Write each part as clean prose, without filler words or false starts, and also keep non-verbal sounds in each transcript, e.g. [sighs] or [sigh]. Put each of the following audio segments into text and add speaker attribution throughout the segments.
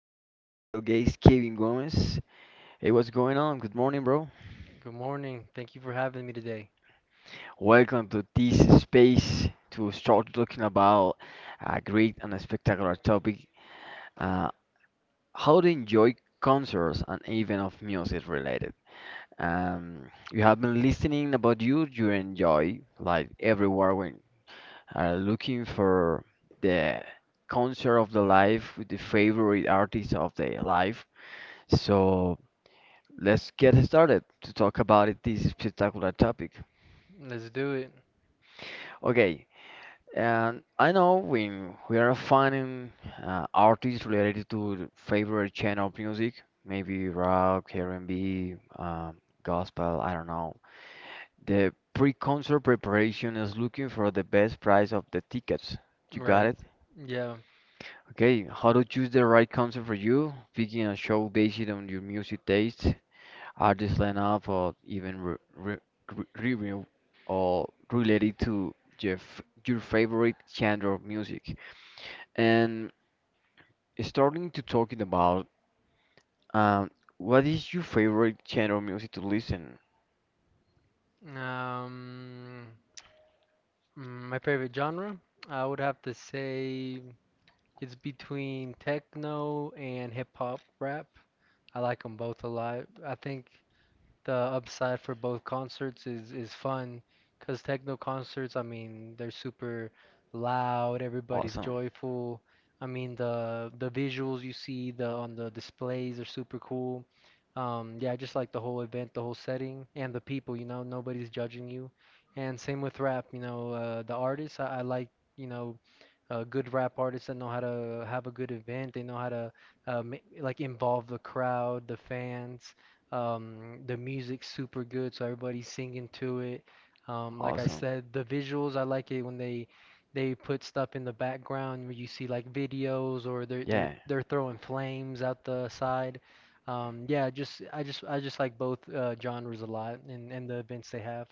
Speaker 1: with a special guest, Kevin Gomez. Hey, what's going on? Good morning, bro.
Speaker 2: Good morning. Thank you for having me today.
Speaker 1: Welcome to this space to start talking about a great and spectacular topic, uh, how to enjoy concerts and even of music related. You have been listening about you enjoy like everywhere when looking for the concert of the life with the favorite artist of the life. So let's get started to talk about it, this spectacular topic.
Speaker 2: Let's do it.
Speaker 1: Okay, and I know when we are finding artists related to favorite channel of music, maybe rock, R&B, gospel, I don't know. The pre-concert preparation is looking for the best price of the tickets. You got
Speaker 2: Right.
Speaker 1: it?
Speaker 2: Yeah.
Speaker 1: Okay, how to choose the right concert for you, picking a show based on your music taste, artist lineup, or even review or related to your favorite genre of music. And starting to talking about um, what is your favorite genre of music to listen?
Speaker 2: Um, mm, my favorite genre, I would have to say it's between techno and hip hop rap. I like them both a lot. I think the upside for both concerts is fun because techno concerts, I mean, they're super loud, everybody's
Speaker 1: Awesome.
Speaker 2: joyful. I mean, the visuals you see the on the displays are super cool. Yeah, I just like the whole event, the whole setting, and the people, nobody's judging you. And same with rap, the artists, I like, you know, good rap artists that know how to have a good event. They know how to like involve the crowd, the fans. The music's super good, so everybody's singing to it. Like I
Speaker 1: Awesome.
Speaker 2: said, the visuals, I like it when they put stuff in the background where you see like videos or they're they're
Speaker 1: Yeah.
Speaker 2: they're throwing flames out the side. Yeah, just I just I just like both genres a lot and the events they have.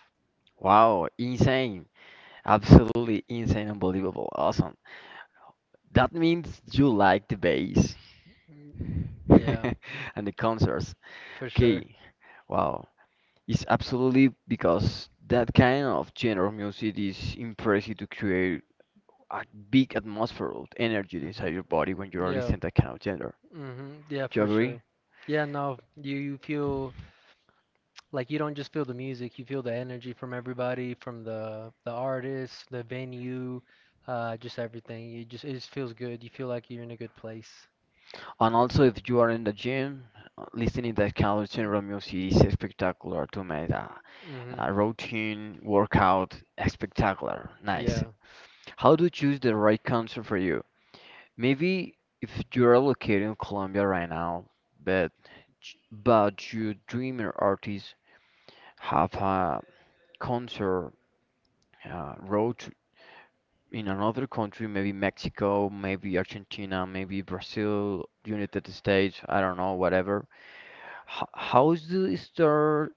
Speaker 1: Wow. Insane. Absolutely insane. Unbelievable. Awesome. That means you like the bass
Speaker 2: Mm, yeah,
Speaker 1: [laughs] and the concerts.
Speaker 2: for sure.
Speaker 1: Okay. Wow. It's absolutely because that kind of genre of music is impressive to create a big atmosphere of energy inside
Speaker 2: Mhm.
Speaker 1: your body when you're
Speaker 2: Yeah.
Speaker 1: listening to that kind of genre.
Speaker 2: Mhm. Yeah,
Speaker 1: Do you
Speaker 2: for
Speaker 1: agree?
Speaker 2: sure. Yeah, no, you feel like you don't just feel the music, you feel the energy from everybody, from the artists, the venue, just everything. You just it just feels good. You feel like you're in a good place.
Speaker 1: And also, if you are in the gym, listening to that kind of
Speaker 2: Mm,
Speaker 1: genre of music is spectacular to make
Speaker 2: mhm.
Speaker 1: a routine workout spectacular. Nice.
Speaker 2: Yeah.
Speaker 1: How to choose the right concert for you? Maybe if you're located in Colombia right now, but but you dream an artist have a concert uh, road tr- in another country, maybe Mexico, maybe Argentina, maybe Brazil, United States, I don't know, whatever. H How's the start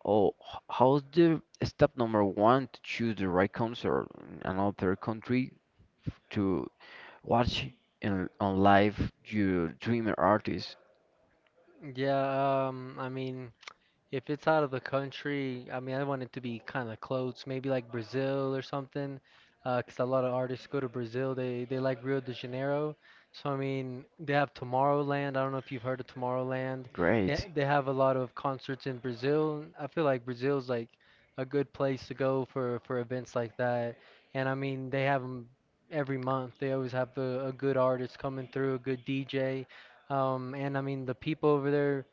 Speaker 1: or how's the step number one to choose the right concert in another country to watch in on live your dreamer artist?
Speaker 2: Yeah, I mean, if it's out of the country, I mean, I want it to be kind of close, maybe like Brazil or something, because a lot of artists go to Brazil. They like Rio de Janeiro, so I mean, they have Tomorrowland. I don't know if you've heard of Tomorrowland. They
Speaker 1: Great.
Speaker 2: they have a lot of concerts in Brazil. I feel like Brazil's like a good place to go for events like that. And I mean, they have them every month. They always have a good artist coming through, a good DJ, and I mean, the people over there.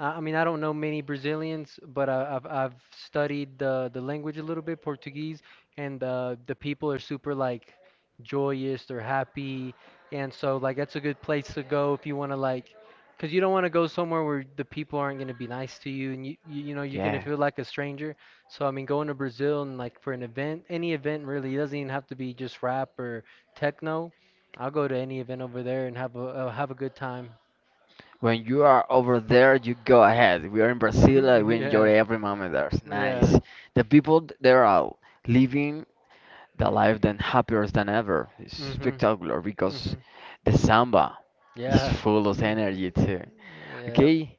Speaker 2: I mean, I don't know many Brazilians, but I've studied the language a little bit, Portuguese, and the people are super like joyous, they're happy, and so like that's a good place to go if you want to like, because you don't want to go somewhere where the people aren't gonna be nice to you, and you know you're gonna
Speaker 1: Yeah.
Speaker 2: feel like a stranger. So I mean, going to Brazil and like for an event, any event really, it doesn't even have to be just rap or techno. I'll go to any event over there and have a good time.
Speaker 1: When you are over there, you go ahead. We are in Brazil and
Speaker 2: [laughs]
Speaker 1: we
Speaker 2: Yeah,
Speaker 1: enjoy every moment there. It's
Speaker 2: yeah.
Speaker 1: nice. The people there are living the life then happier than ever. It's
Speaker 2: Mhm.
Speaker 1: spectacular because
Speaker 2: Mhm.
Speaker 1: the samba is
Speaker 2: Yeah.
Speaker 1: full of
Speaker 2: [laughs]
Speaker 1: energy too.
Speaker 2: Yep.
Speaker 1: Okay,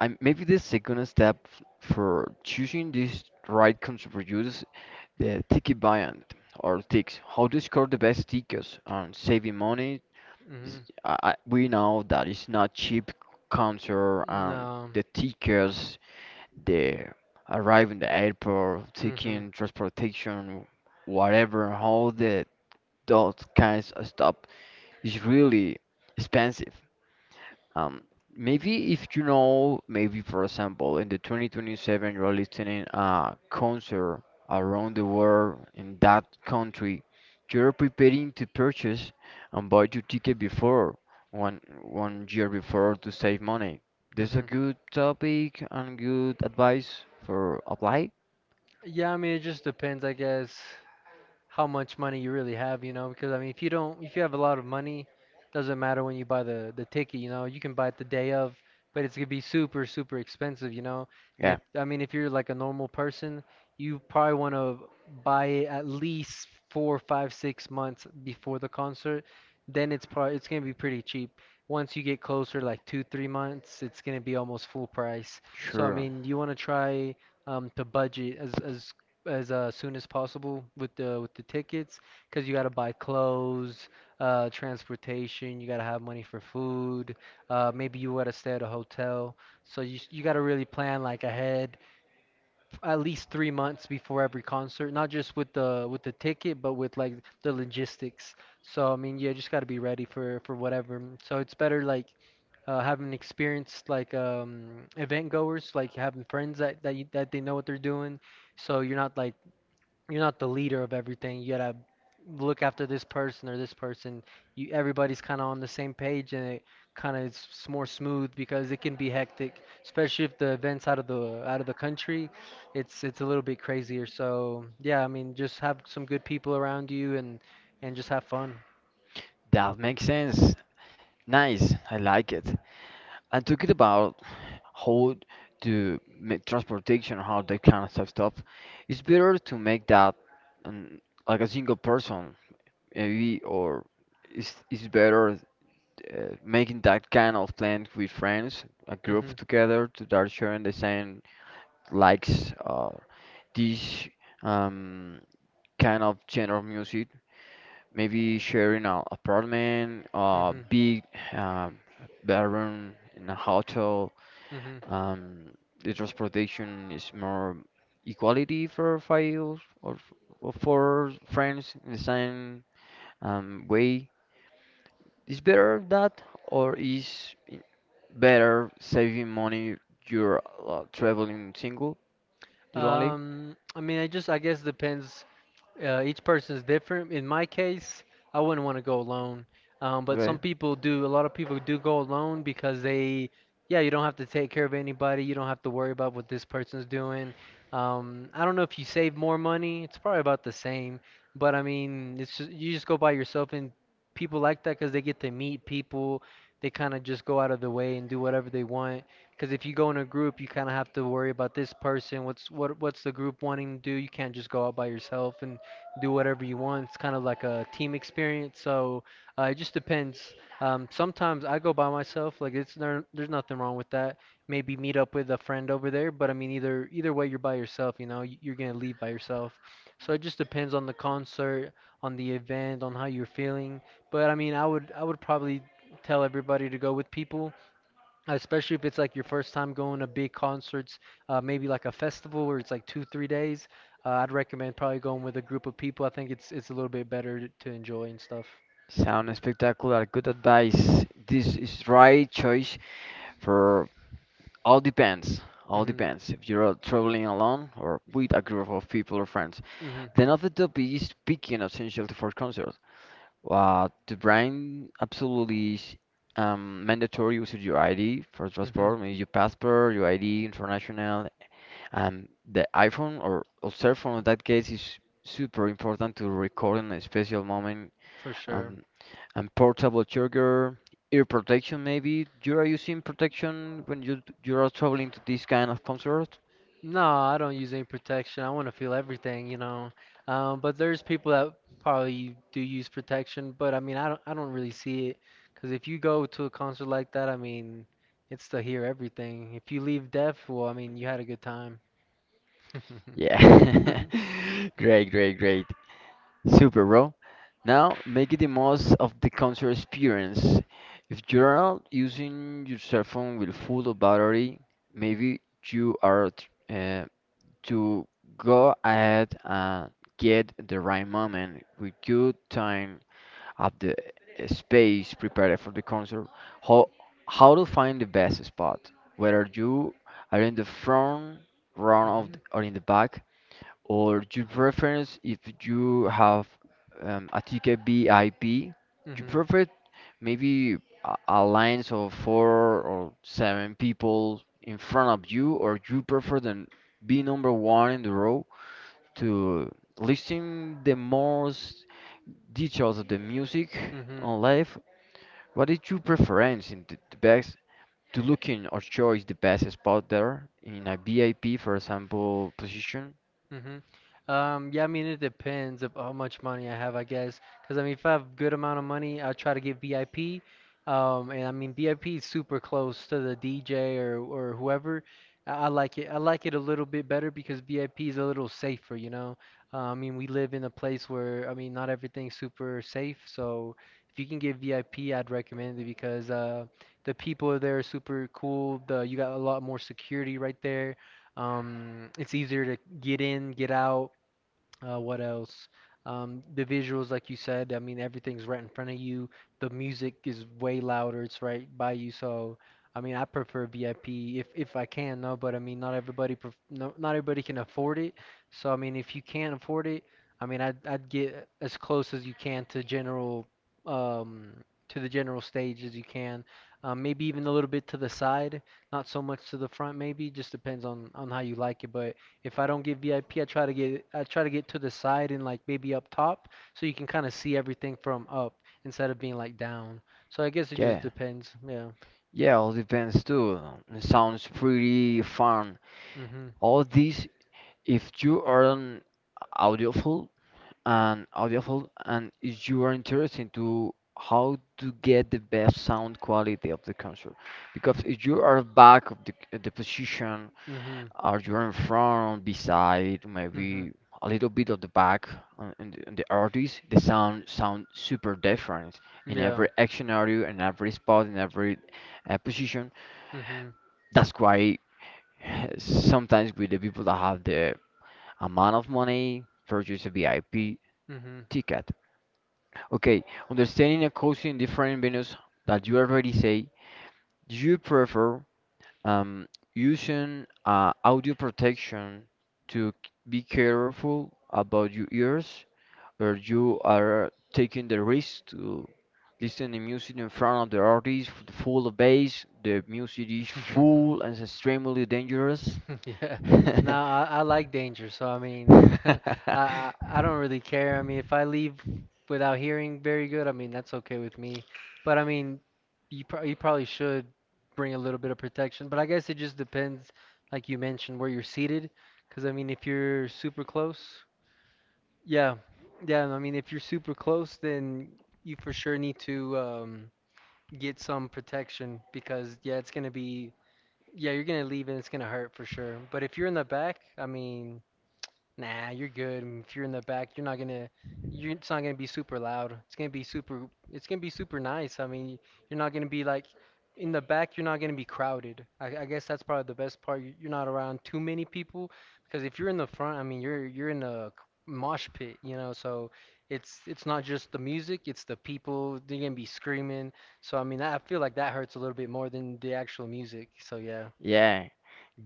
Speaker 1: I maybe the second step for choosing this right country for you is the ticket buying or ticks. How to score the best tickets on saving money
Speaker 2: Mhm.
Speaker 1: is- we know that it's not cheap counter
Speaker 2: No.
Speaker 1: the tickets, the arriving the airport,
Speaker 2: Mhm.
Speaker 1: taking transportation, whatever, all the those kinds of stuff is really expensive. um, Maybe if you know, maybe for example, in the 2027 you're listening a concert around the world in that country, you're preparing to purchase and buy your ticket before one year before to save money. This a
Speaker 2: Mhm.
Speaker 1: good topic and good advice for apply.
Speaker 2: Yeah, I mean, it just depends, I guess. How much money you really have, because I mean, if you have a lot of money, doesn't matter when you buy the ticket, you know, you can buy it the day of, but it's gonna be super expensive, you know. And
Speaker 1: Yeah,
Speaker 2: if I mean, if you're like a normal person, you probably want to buy it at least four, five, 6 months before the concert. Then it's gonna be pretty cheap. Once you get closer, like two, 3 months, it's gonna be almost full price. So I
Speaker 1: sure.
Speaker 2: mean, you want to try to budget as soon as possible with the tickets because you got to buy clothes, transportation. You got to have money for food. Maybe you got to stay at a hotel. So you got to really plan like ahead, at least 3 months before every concert. Not just with the ticket, but with like the logistics. So I mean, yeah, just got to be ready for whatever. So it's better like having experienced like event goers, like having friends that they know what they're doing, so you're not like you're not the leader of everything. You gotta look after this person or this person. You everybody's kind of on the same page, and it kind of more smooth because it can be hectic, especially if the events out of the country. It's a little bit crazier. So yeah, I mean, just have some good people around you and just have fun.
Speaker 1: That makes sense. Nice, I like it. And talking about how to make transportation, how that kind of stuff, stuff, it's better to make that um, like a single person, maybe, or it's better making that kind of plan with friends, a group
Speaker 2: Mhm.
Speaker 1: together, to start sharing the same likes or this um, kind of genre of music. Maybe sharing an apartment, a
Speaker 2: Mhm.
Speaker 1: big um, bedroom in a hotel,
Speaker 2: Mhm.
Speaker 1: um, the transportation is more equality for files or or for friends in the same way. Is better that, or is better saving money? You're traveling single, you're lonely,
Speaker 2: I mean, I guess depends each person is different. In my case, I wouldn't want to go alone. But
Speaker 1: right?
Speaker 2: some people do. A lot of people do go alone because they, yeah, you don't have to take care of anybody. You don't have to worry about what this person's doing. I don't know if you save more money. It's probably about the same. But I mean, it's just, you just go by yourself, and people like that because they get to meet people. They kind of just go out of the way and do whatever they want. Because if you go in a group, you kind of have to worry about this person. What's what? What's the group wanting to do? You can't just go out by yourself and do whatever you want. It's kind of like a team experience. So it just depends. Sometimes I go by myself. Like it's there's nothing wrong with that. Maybe meet up with a friend over there. But I mean, either way, you're by yourself. You know, you're gonna leave by yourself. So it just depends on the concert, on the event, on how you're feeling. But I mean, I would probably tell everybody to go with people, especially if it's like your first time going to big concerts, maybe like a festival where it's like two, 3 days. I'd recommend probably going with a group of people. I think it's a little bit better to enjoy and stuff.
Speaker 1: Sound spectacular, good advice. This is right choice for all depends. All
Speaker 2: Mhm,
Speaker 1: depends if you're out traveling alone or with a group of people or friends.
Speaker 2: mhm,
Speaker 1: Then another topic is picking essential for concert. The brand absolutely is mandatory using your ID for
Speaker 2: mhm,
Speaker 1: transport, maybe your passport, your ID, international. The iPhone or cell phone in that case is super important to record in a special moment,
Speaker 2: for sure.
Speaker 1: um, and portable charger, ear protection maybe. You are using protection when you are traveling to this kind of concert?
Speaker 2: No, I don't use any protection. I want to feel everything, you know. But there's people that probably do use protection, but I mean, I don't really see it, because if you go to a concert like that, I mean, it's to hear everything. If you leave deaf, well, I mean, you had a good time. [laughs]
Speaker 1: Yeah. [laughs] Great, great, great. Super, bro. Now, make it the most of the concert experience. If you're out using your cell phone with full of battery, maybe you are uh, to go ahead and get the right moment with good time of the space prepared for the concert, how how to find the best spot, whether you are in the front row of
Speaker 2: Mm-hmm.
Speaker 1: the, or in the back, or you preference if you have a ticket VIP, you
Speaker 2: Mm-hmm.
Speaker 1: prefer maybe a lines of four or seven people in front of you, or you prefer the be number one in the row to listen the most details of the music
Speaker 2: Mm-hmm.
Speaker 1: on live. What is your preference in the best to looking or choose the best spot there in a VIP, for example, position?
Speaker 2: Mm-hmm. Yeah, I mean, it depends of how much money I have, I guess. Because, I mean, if I have good amount of money, I try to get VIP. And I mean, VIP is super close to the DJ or whoever. I like it. I like it a little bit better because VIP is a little safer, you know? I mean, we live in a place where, I mean, not everything's super safe. So if you can get VIP, I'd recommend it because the people there are super cool. The, you got a lot more security right there. It's easier to get in, get out. What else? The visuals, like you said, I mean, everything's right in front of you. The music is way louder. It's right by you. So, I mean, I prefer VIP if I can, no, but I mean, not everybody pref no, not everybody can afford it. So, I mean, if you can't afford it, I mean, I'd get as close as you can to general um to the general stage as you can. Maybe even a little bit to the side, not so much to the front, maybe. Just depends on how you like it, but. If I don't get VIP, I try to get to the side and like maybe up top, so you can kind of see everything from up instead of being like down. So I guess it just
Speaker 1: Yeah,
Speaker 2: depends. Yeah.
Speaker 1: yeah, all depends too. It sounds pretty fun.
Speaker 2: Mhm.
Speaker 1: All this if you aren't audiophile and audiophile and if you are interested to how to get the best sound quality of the concert because if you are back of the position,
Speaker 2: Mhm.
Speaker 1: are you in front, beside,
Speaker 2: Mhm.
Speaker 1: maybe a little bit of the back on the artist? The sound sound super different in
Speaker 2: Yeah.
Speaker 1: every action area, in every spot, in every position.
Speaker 2: Mhm.
Speaker 1: That's why [sighs] [laughs] sometimes with the people that have the amount of money purchase a VIP ticket. Okay, understanding and costing different venues that you already say you prefer um, using audio protection to be careful about your ears where you are taking the risk to listen to music in front of the artist full of bass, the music is
Speaker 2: Mhm. [laughs]
Speaker 1: full and extremely dangerous.
Speaker 2: [laughs] Yeah,
Speaker 1: [laughs]
Speaker 2: no, I like danger, so I mean, [laughs] I, I don't really care. I mean, if I leave without hearing very good, I mean that's okay with me. But I mean, you probably should bring a little bit of protection. But I guess it just depends, like you mentioned, where you're seated. Because I mean, if you're super close, yeah, yeah. I mean, if you're super close, then you for sure need to get some protection because yeah, it's gonna be yeah, you're gonna leave and it's gonna hurt for sure. But if you're in the back, I mean, nah, you're good. And if you're in the back, you're it's not gonna be super loud. It's gonna be super, it's gonna be super nice. I mean, you're not gonna be like, in the back, you're not gonna be crowded. I guess that's probably the best part. You're not around too many people because if you're in the front, I mean, you're in a mosh pit, you know. So it's not just the music, it's the people. They're gonna be screaming. So I mean, that, I feel like that hurts a little bit more than the actual music. So yeah.
Speaker 1: Yeah,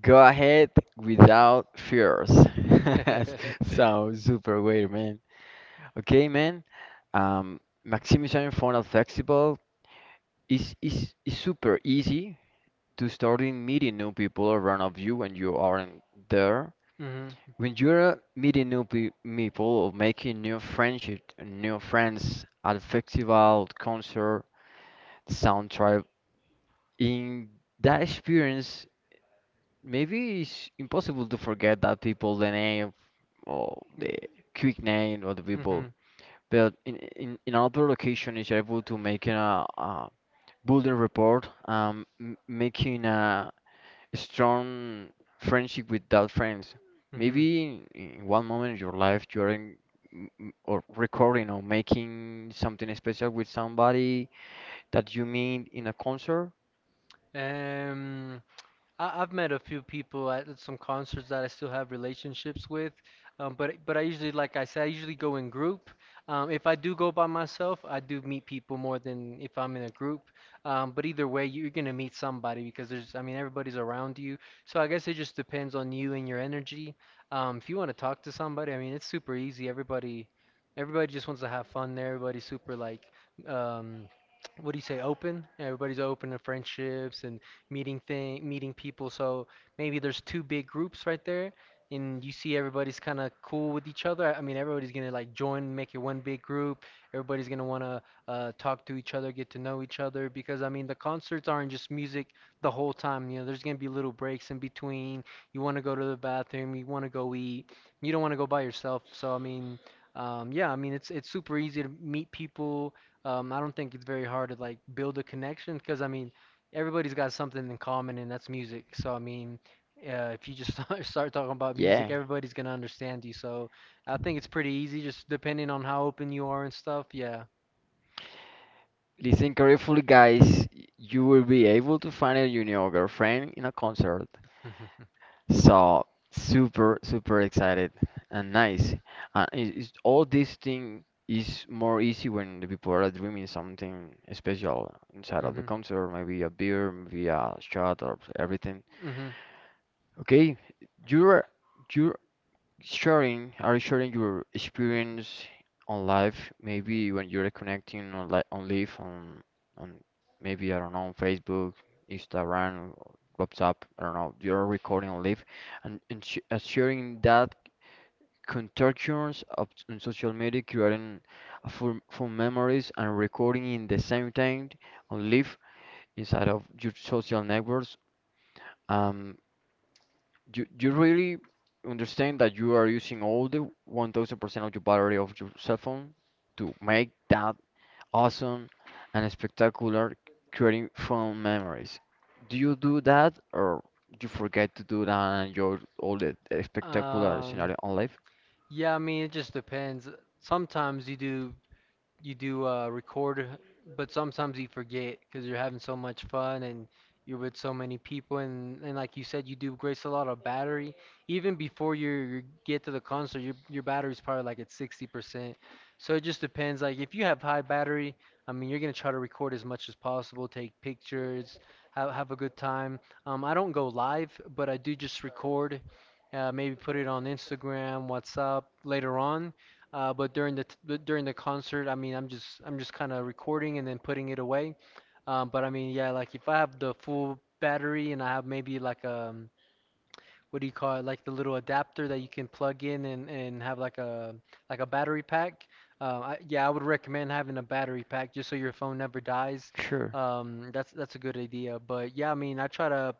Speaker 1: go ahead without fears. [laughs]
Speaker 2: [laughs]
Speaker 1: Sounds super weird. Okay, man. Um, Maximization Funnel Festival is super easy to starting meeting new people around of you when you aren't there.
Speaker 2: Mhm.
Speaker 1: When you're meeting new pe people or making new friendship, new friends at a festival, concert, sound tribe, in that experience, maybe it's impossible to forget that people, the name, or the quick name of the people.
Speaker 2: Mhm.
Speaker 1: But in another location is able to make a building report, m making a strong friendship with that friends.
Speaker 2: Mhm.
Speaker 1: Maybe in one moment in your life you're or recording or making something special with somebody that you meet in a concert.
Speaker 2: Um, I've met a few people at some concerts that I still have relationships with, but I usually, like I said, I usually go in group. If I do go by myself, I do meet people more than if I'm in a group. But either way, you're gonna meet somebody because there's, I mean, everybody's around you. So I guess it just depends on you and your energy. If you want to talk to somebody, I mean, it's super easy. Everybody just wants to have fun there. Everybody's super like. Um, what do you say open everybody's open to friendships and meeting people. So maybe there's two big groups right there, and you see everybody's kind of cool with each other. I mean, everybody's gonna like join, make it one big group. Everybody's gonna wanna talk to each other, get to know each other, because I mean, the concerts aren't just music the whole time. You know, there's gonna be little breaks in between. You wanna go to the bathroom, you wanna go eat, you don't wanna go by yourself. So I mean. Yeah, I mean it's super easy to meet people. I don't think it's very hard to like build a connection because I mean everybody's got something in common, and that's music. So I mean, if you just [laughs] start talking about
Speaker 1: Yeah.
Speaker 2: music, everybody's gonna
Speaker 1: [laughs]
Speaker 2: understand you. So I think it's pretty easy, just depending on how open you are and stuff. Yeah.
Speaker 1: Listen carefully, guys. You will be able to find a your new girlfriend in a concert.
Speaker 2: [laughs]
Speaker 1: So super, super excited and nice. And it's, all this thing is more easy when the people are dreaming something special inside of the
Speaker 2: Hmm.
Speaker 1: concert, maybe a beer, maybe a shot or everything.
Speaker 2: Mm-hmm.
Speaker 1: Okay, you're you're sharing are sharing your experience on life maybe when you're connecting on like on live on maybe I don't know on Facebook, Instagram or WhatsApp, I don't know, you're recording on live, and sh sharing that contortions of on social media, creating a full, full memories and recording in the same time on live inside of your social networks, um you you really understand that you are using all the 1000% of your battery of your cell phone to make that awesome and spectacular creating fun memories. Do you do that or you forget to do that and your all the spectacular
Speaker 2: Um,
Speaker 1: scenario on life?
Speaker 2: yeah, I mean, it just depends. Sometimes you do record, but sometimes you forget because you're having so much fun and you're with so many people and, like you said, you do waste a lot of battery. Even before you get to the concert, your battery's probably like at 60%. So it just depends. Like if you have high battery, I mean you're gonna try to record as much as possible, take pictures, have a good time. I don't go live, but I do just record. Maybe put it on Instagram, WhatsApp later on but during but during the concert, I mean, I'm just kind of recording and then putting it away. But I mean, yeah, like if I have the full battery and I have maybe like what do you call it, like the little adapter that you can plug in and have like a battery pack. Yeah, I would recommend having a battery pack just so your phone never dies.
Speaker 1: Sure.
Speaker 2: That's a good idea. But yeah, I mean, I try to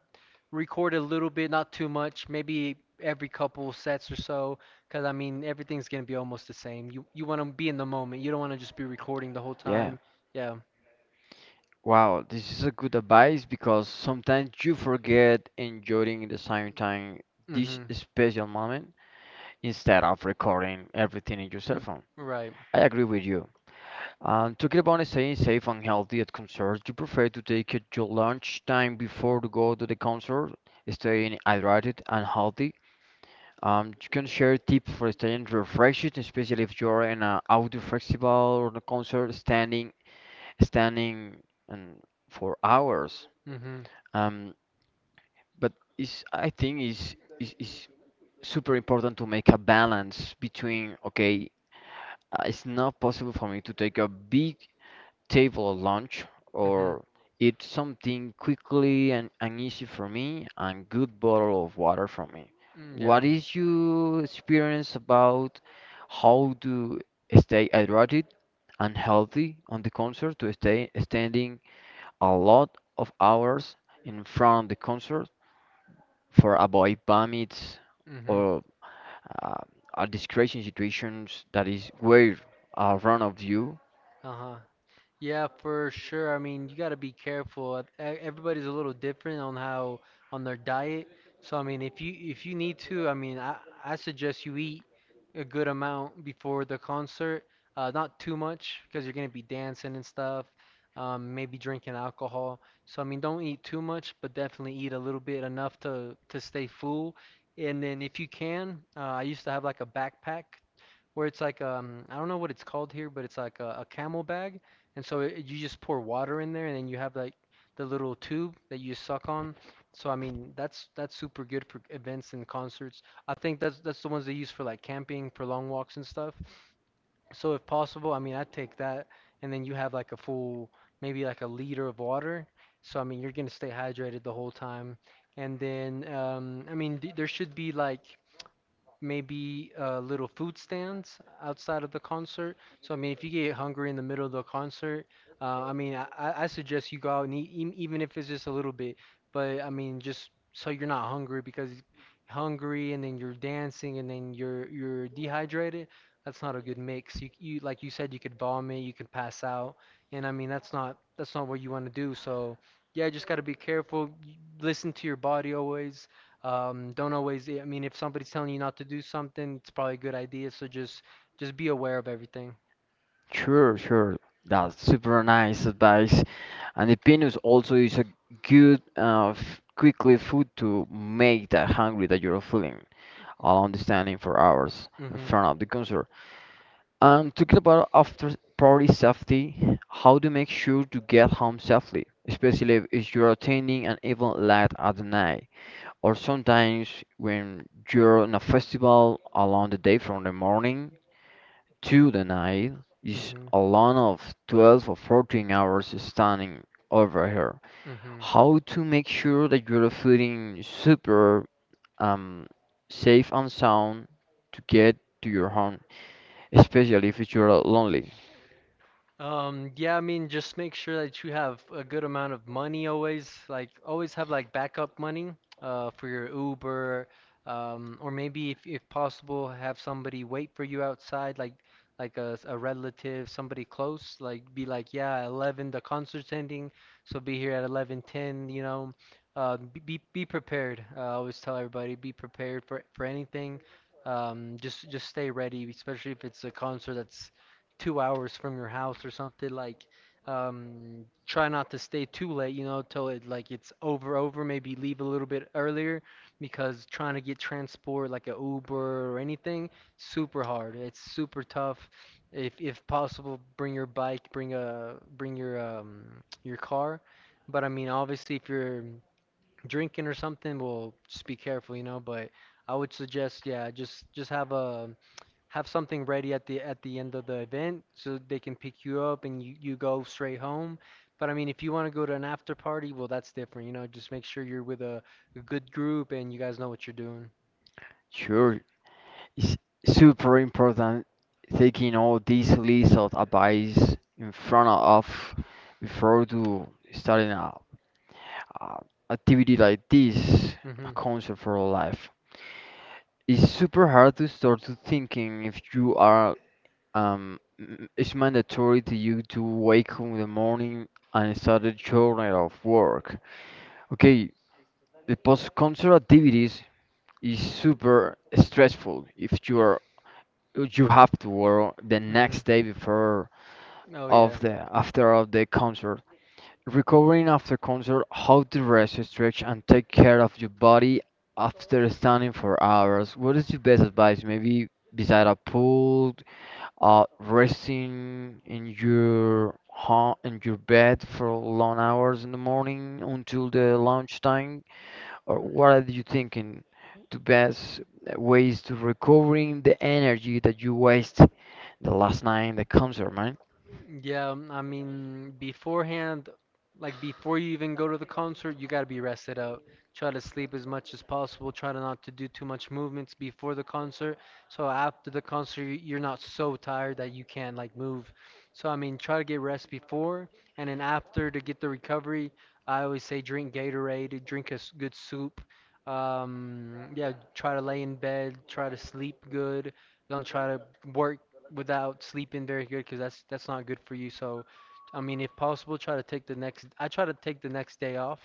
Speaker 2: record a little bit, not too much, maybe every couple sets or so, because I mean everything's gonna be almost the same. You want to be in the moment. You don't want to just be recording the whole
Speaker 1: Yeah.
Speaker 2: time. Yeah.
Speaker 1: Wow, this is a good advice because sometimes you forget enjoying at the same time this
Speaker 2: Mm-hmm.
Speaker 1: special moment instead of recording everything in your cell
Speaker 2: Mm,
Speaker 1: phone.
Speaker 2: right.
Speaker 1: I agree with you. Talking about staying safe and healthy at concerts, you prefer to take it your lunch time before to go to the concert, staying hydrated and healthy. You can share tips for staying refreshed, especially if you're in an outdoor festival or a concert, standing, and for hours.
Speaker 2: Mm-hmm.
Speaker 1: Um, but it's I think is super important to make a balance between okay, it's not possible for me to take a big table lunch
Speaker 2: Mm-hmm.
Speaker 1: or eat something quickly and easy for me and good bottle of water for me.
Speaker 2: Mm, yeah.
Speaker 1: What is your experience about how to stay hydrated and healthy on the concert to stay standing a lot of hours in front of the concert for avoid vomits
Speaker 2: Mm-hmm.
Speaker 1: or uh, a discretion situations that is way around of you.
Speaker 2: Uh-huh. Yeah, for sure. I mean, you got to be careful. Everybody's a little different on how on their diet. So I mean, if you need to, I mean, I suggest you eat a good amount before the concert. Not too much because you're gonna be dancing and stuff. Maybe drinking alcohol. So I mean, don't eat too much, but definitely eat a little bit enough to stay full. And then if you can, I used to have like a backpack where it's like I don't know what it's called here, but it's like a camel bag, and so it, you just pour water in there, and then you have like the little tube that you suck on. So I mean that's super good for events and concerts. I think that's the ones they use for like camping, for long walks and stuff. So if possible, I mean I'd take that, and then you have like a full maybe like a liter of water. So I mean you're gonna stay hydrated the whole time. And then I mean th there should be like maybe little food stands outside of the concert. So I mean, if you get hungry in the middle of the concert, I mean, I suggest you go out and eat, even if it's just a little bit. But I mean, just so you're not hungry because hungry and then you're dancing and then you're dehydrated. That's not a good mix. You like you said, you could vomit, you could pass out, and I mean that's not what you want to do. So yeah, just gotta be careful. Listen to your body always don't always, I mean, if somebody's telling you not to do something, it's probably a good idea. So just be aware of everything.
Speaker 1: Sure, sure. That's super nice advice. And the peanuts also is a good quickly food to make that hungry that you're feeling along the standing for hours in
Speaker 2: Hmm.
Speaker 1: front of the concert. And talking about after party safety, how to make sure to get home safely, especially if you're attending an event late at the night. Or sometimes when you're in a festival along the day from the morning to the night is
Speaker 2: Hmm.
Speaker 1: a lot of 12 or 14 hours standing over here.
Speaker 2: Hmm.
Speaker 1: How to make sure that you're feeling super um, safe and sound to get to your home, especially if you're lonely.
Speaker 2: Yeah, I mean, just make sure that you have a good amount of money always. Like, always have like backup money for your Uber, or maybe if possible, have somebody wait for you outside, like a relative, somebody close. Like, be like, yeah, 11, the concert's ending, so be here at 11:10. You know, be prepared. I always tell everybody, be prepared for anything. Just stay ready, especially if it's a concert that's 2 hours from your house or something. Like, try not to stay too late, you know, till it like it's over. Maybe leave a little bit earlier because trying to get transport like a Uber or anything, super hard. It's super tough. If possible, bring your bike, bring your car. But I mean, obviously, if you're drinking or something, well, just be careful, you know. But I would suggest, yeah, just have a have something ready at the end of the event so they can pick you up and you go straight home. But I mean, if you want to go to an after party, well, that's different. You know, just make sure you're with a good group and you guys know what you're doing.
Speaker 1: Sure, it's super important taking all these list of advice in front of before to starting a uh, activity like this,
Speaker 2: Mm-hmm.
Speaker 1: a for all life, it's super hard to start to thinking if you are it's mandatory to you to wake up in the morning and start a journey of work. Okay, the post concert activities is super stressful if you are you have to work the
Speaker 2: Mm-hmm.
Speaker 1: next day before
Speaker 2: Oh yeah.
Speaker 1: of the after of the concert. Recovering after concert, how to rest, stretch, and take care of your body after standing for hours. What is your best advice? Maybe beside a pool, resting in your home, in your bed for long hours in the morning until the lunchtime, or what are you thinking? The best ways to recovering the energy that you waste the last night in the concert, man.
Speaker 2: Yeah, I mean, beforehand, like before you even go to the concert, you gotta be rested out. Try to sleep as much as possible. Try to not to do too much movements before the concert. So after the concert, you're not so tired that you can't like move. So I mean, try to get rest before and then after to get the recovery. I always say drink Gatorade, drink a good soup. Yeah, try to lay in bed, try to sleep good. Don't try to work without sleeping very good because that's not good for you. So, I mean, if possible, try to take the next. I try to take the next day off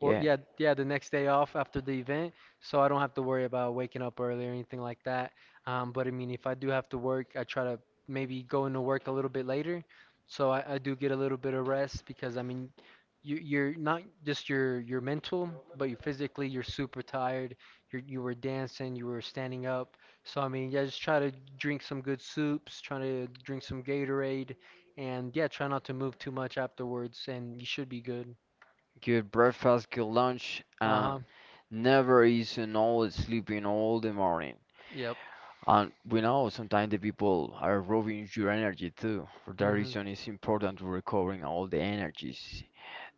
Speaker 2: or
Speaker 1: Yeah.
Speaker 2: yeah, the next day off after the event, so I don't have to worry about waking up early or anything like that. But I mean, if I do have to work, I try to maybe go into work a little bit later, so I do get a little bit of rest because I mean, you're not just your mental, but you physically you're super tired. You were dancing, you were standing up, so I mean, yeah, just try to drink some good soups, try to drink some Gatorade, and yeah, try not to move too much afterwards, and you should be good.
Speaker 1: Good breakfast, good lunch, and
Speaker 2: Uh-huh.
Speaker 1: never eating all sleeping all the morning.
Speaker 2: Yep.
Speaker 1: And we know sometimes the people are robbing your energy too. For that
Speaker 2: Mm-hmm.
Speaker 1: reason, it's important to recovering all the energies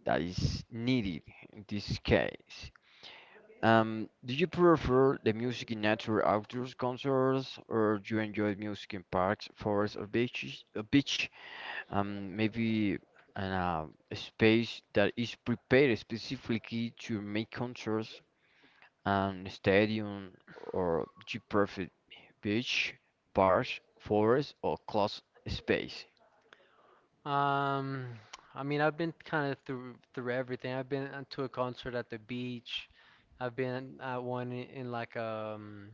Speaker 1: that is needed in this case. Do you prefer the music in nature outdoors concerts, or do you enjoy music in parks, forests, or beaches? Or beach? Maybe in a space that is prepared specifically to make concerts, and stadium or geographic beach, parks, forest, or closed space.
Speaker 2: Um, I mean, I've been kind of through everything. I've been to a concert at the beach. I've been at one in like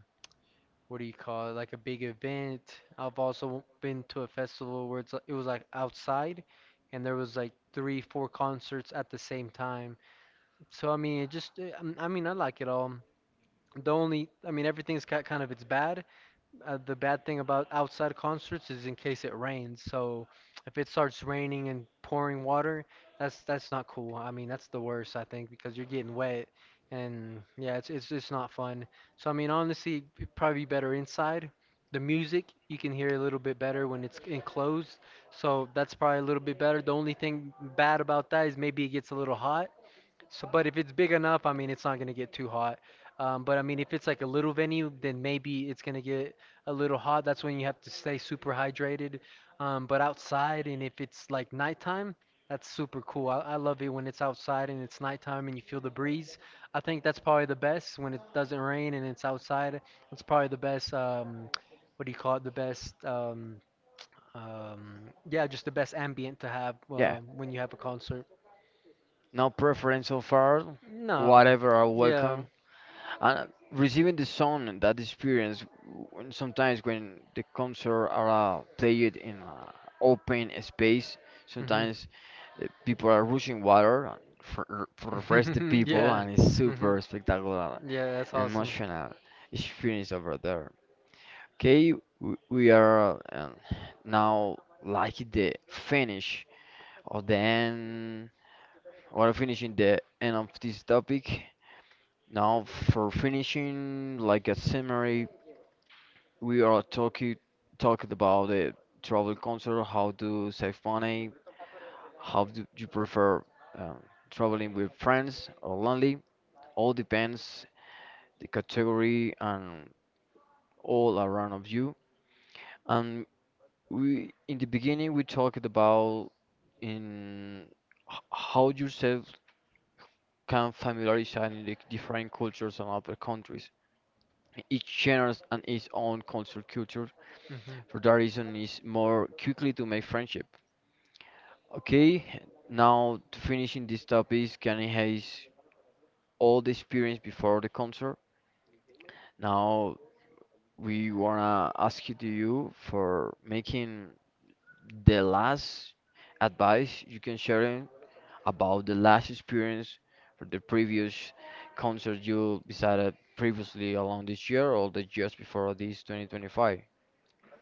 Speaker 2: what do you call it? Like a big event. I've also been to a festival where it's like, it was like outside, and there was like three, four concerts at the same time. So I mean, it just I mean, I like it all. The only, I mean, everything's got kind of its bad, the bad thing about outside concerts is in case it rains. So if it starts raining and pouring water, that's not cool. I mean, that's the worst, I think, because you're getting wet and yeah, it's just not fun. So I mean, honestly, it'd probably be better inside. The music you can hear a little bit better when it's enclosed, so that's probably a little bit better. The only thing bad about that is maybe it gets a little hot, so, but if it's big enough, I mean, it's not gonna get too hot. But I mean, if it's like a little venue, then maybe it's gonna get a little hot. That's when you have to stay super hydrated. But outside, and if it's like nighttime, that's super cool. I love it when it's outside and it's nighttime and you feel the breeze. I think that's probably the best when it doesn't rain and it's outside. It's probably the best. What do you call it? The best. Um, yeah, just the best ambient to have
Speaker 1: Yeah,
Speaker 2: when you have a concert.
Speaker 1: no preference so far.
Speaker 2: No,
Speaker 1: Whatever are
Speaker 2: yeah.
Speaker 1: welcome. And receiving the sound and that experience, when sometimes when the concert are played in an open space,
Speaker 2: Hmm.
Speaker 1: sometimes people are rushing water and for refresh the
Speaker 2: [laughs]
Speaker 1: people,
Speaker 2: Yeah.
Speaker 1: and it's
Speaker 2: Hmm.
Speaker 1: super spectacular
Speaker 2: Yeah, that's
Speaker 1: and
Speaker 2: awesome.
Speaker 1: emotional experience over there. Okay, we are now like the finish of the end, or finishing the end of this topic. Now for finishing, like a summary we are talking about the travel concert, how to save money, how do you prefer um, traveling with friends or lonely. All depends the category and all around of you. And we in the beginning we talked about in how yourself can familiarize in the different cultures and other countries. Each genre and its own culture.
Speaker 2: Hmm.
Speaker 1: For that reason, it's more quickly to make friendship. Okay, now to finishing this topic, Kanye has all the experience before the concert. Now we wanna ask you to you for making the last advice you can share in about the last experience for the previous concert you decided previously along this year or the years before this 2025.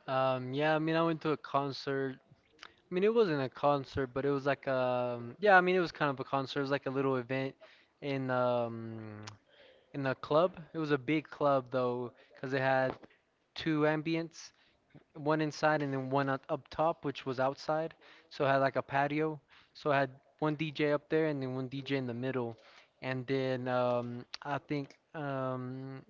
Speaker 2: Yeah, I mean, I went to a concert. I mean, it wasn't a concert, but it was like yeah, I mean, it was kind of a concert. It was like a little event in um in a club. It was a big club though, 'cause they had two ambients, one inside and then one up top, which was outside. So it had like a patio. So I had one DJ up there and then one DJ in the middle. And then I think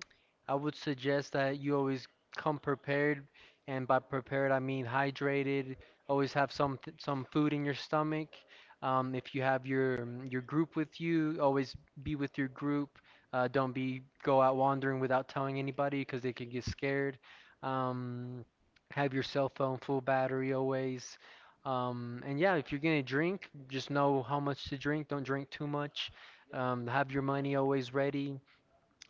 Speaker 2: I would suggest that you always come prepared, and by prepared I mean hydrated. Always have some food in your stomach. If you have your group with you, always be with your group. Don't be go out wandering without telling anybody because they could get scared. Um, have your cell phone full battery always. And yeah, if you're gonna drink, just know how much to drink. Don't drink too much. Have your money always ready.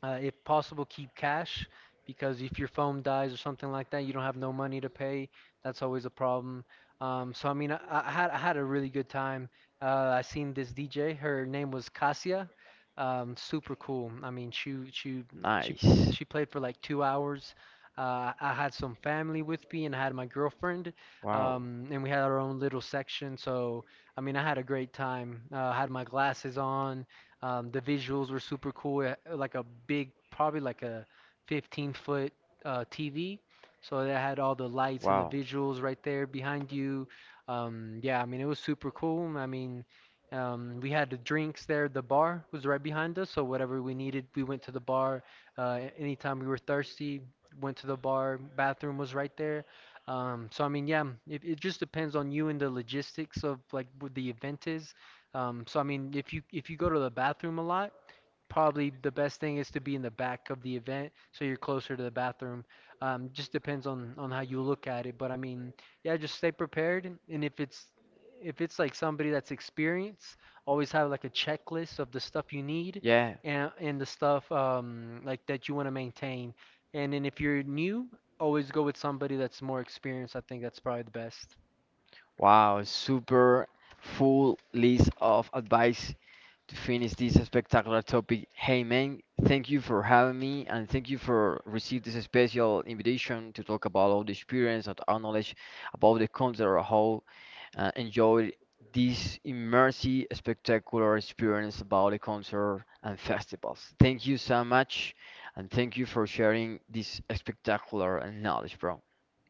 Speaker 2: If possible, keep cash because if your phone dies or something like that, you don't have no money to pay. That's always a problem. So I mean, I had a really good time. I seen this DJ. Her name was Cassia. Super cool. I mean, she
Speaker 1: Nice.
Speaker 2: she played for like 2 hours. I had some family with me and I had my girlfriend,
Speaker 1: Wow.
Speaker 2: and we had our own little section. So I mean, I had a great time. I had my glasses on. The visuals were super cool. It, like a big, probably like a 15 foot TV. So it had all the lights and the
Speaker 1: Wow.
Speaker 2: visuals right there behind you. Yeah, I mean, it was super cool. I mean, we had the drinks there. The bar was right behind us. So whatever we needed, we went to the bar. Anytime we were thirsty, went to the bar. Bathroom was right there. So I mean, yeah, it just depends on you and the logistics of like what the event is. So I mean, if you go to the bathroom a lot, probably the best thing is to be in the back of the event, so you're closer to the bathroom. Just depends on how you look at it, but I mean, yeah, just stay prepared, and if it's like somebody that's experienced, always have like a checklist of the stuff you need
Speaker 1: Yeah,
Speaker 2: and the stuff like that you want to maintain. And then if you're new, always go with somebody that's more experienced. I think that's probably the best.
Speaker 1: wow, super full list of advice to finish this spectacular topic. Hey man, thank you for having me and thank you for receiving this special invitation to talk about all the experience and our knowledge about the concept of how enjoy this immersive, spectacular experience about the concert and festivals. Thank you so much, and thank you for sharing this spectacular and knowledge, bro.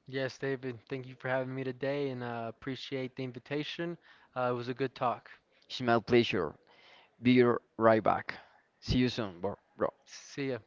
Speaker 2: Yes, David, thank you for having me today and appreciate the invitation. It was a good talk.
Speaker 1: It's my pleasure. Be right back. See you soon, bro.
Speaker 2: See ya.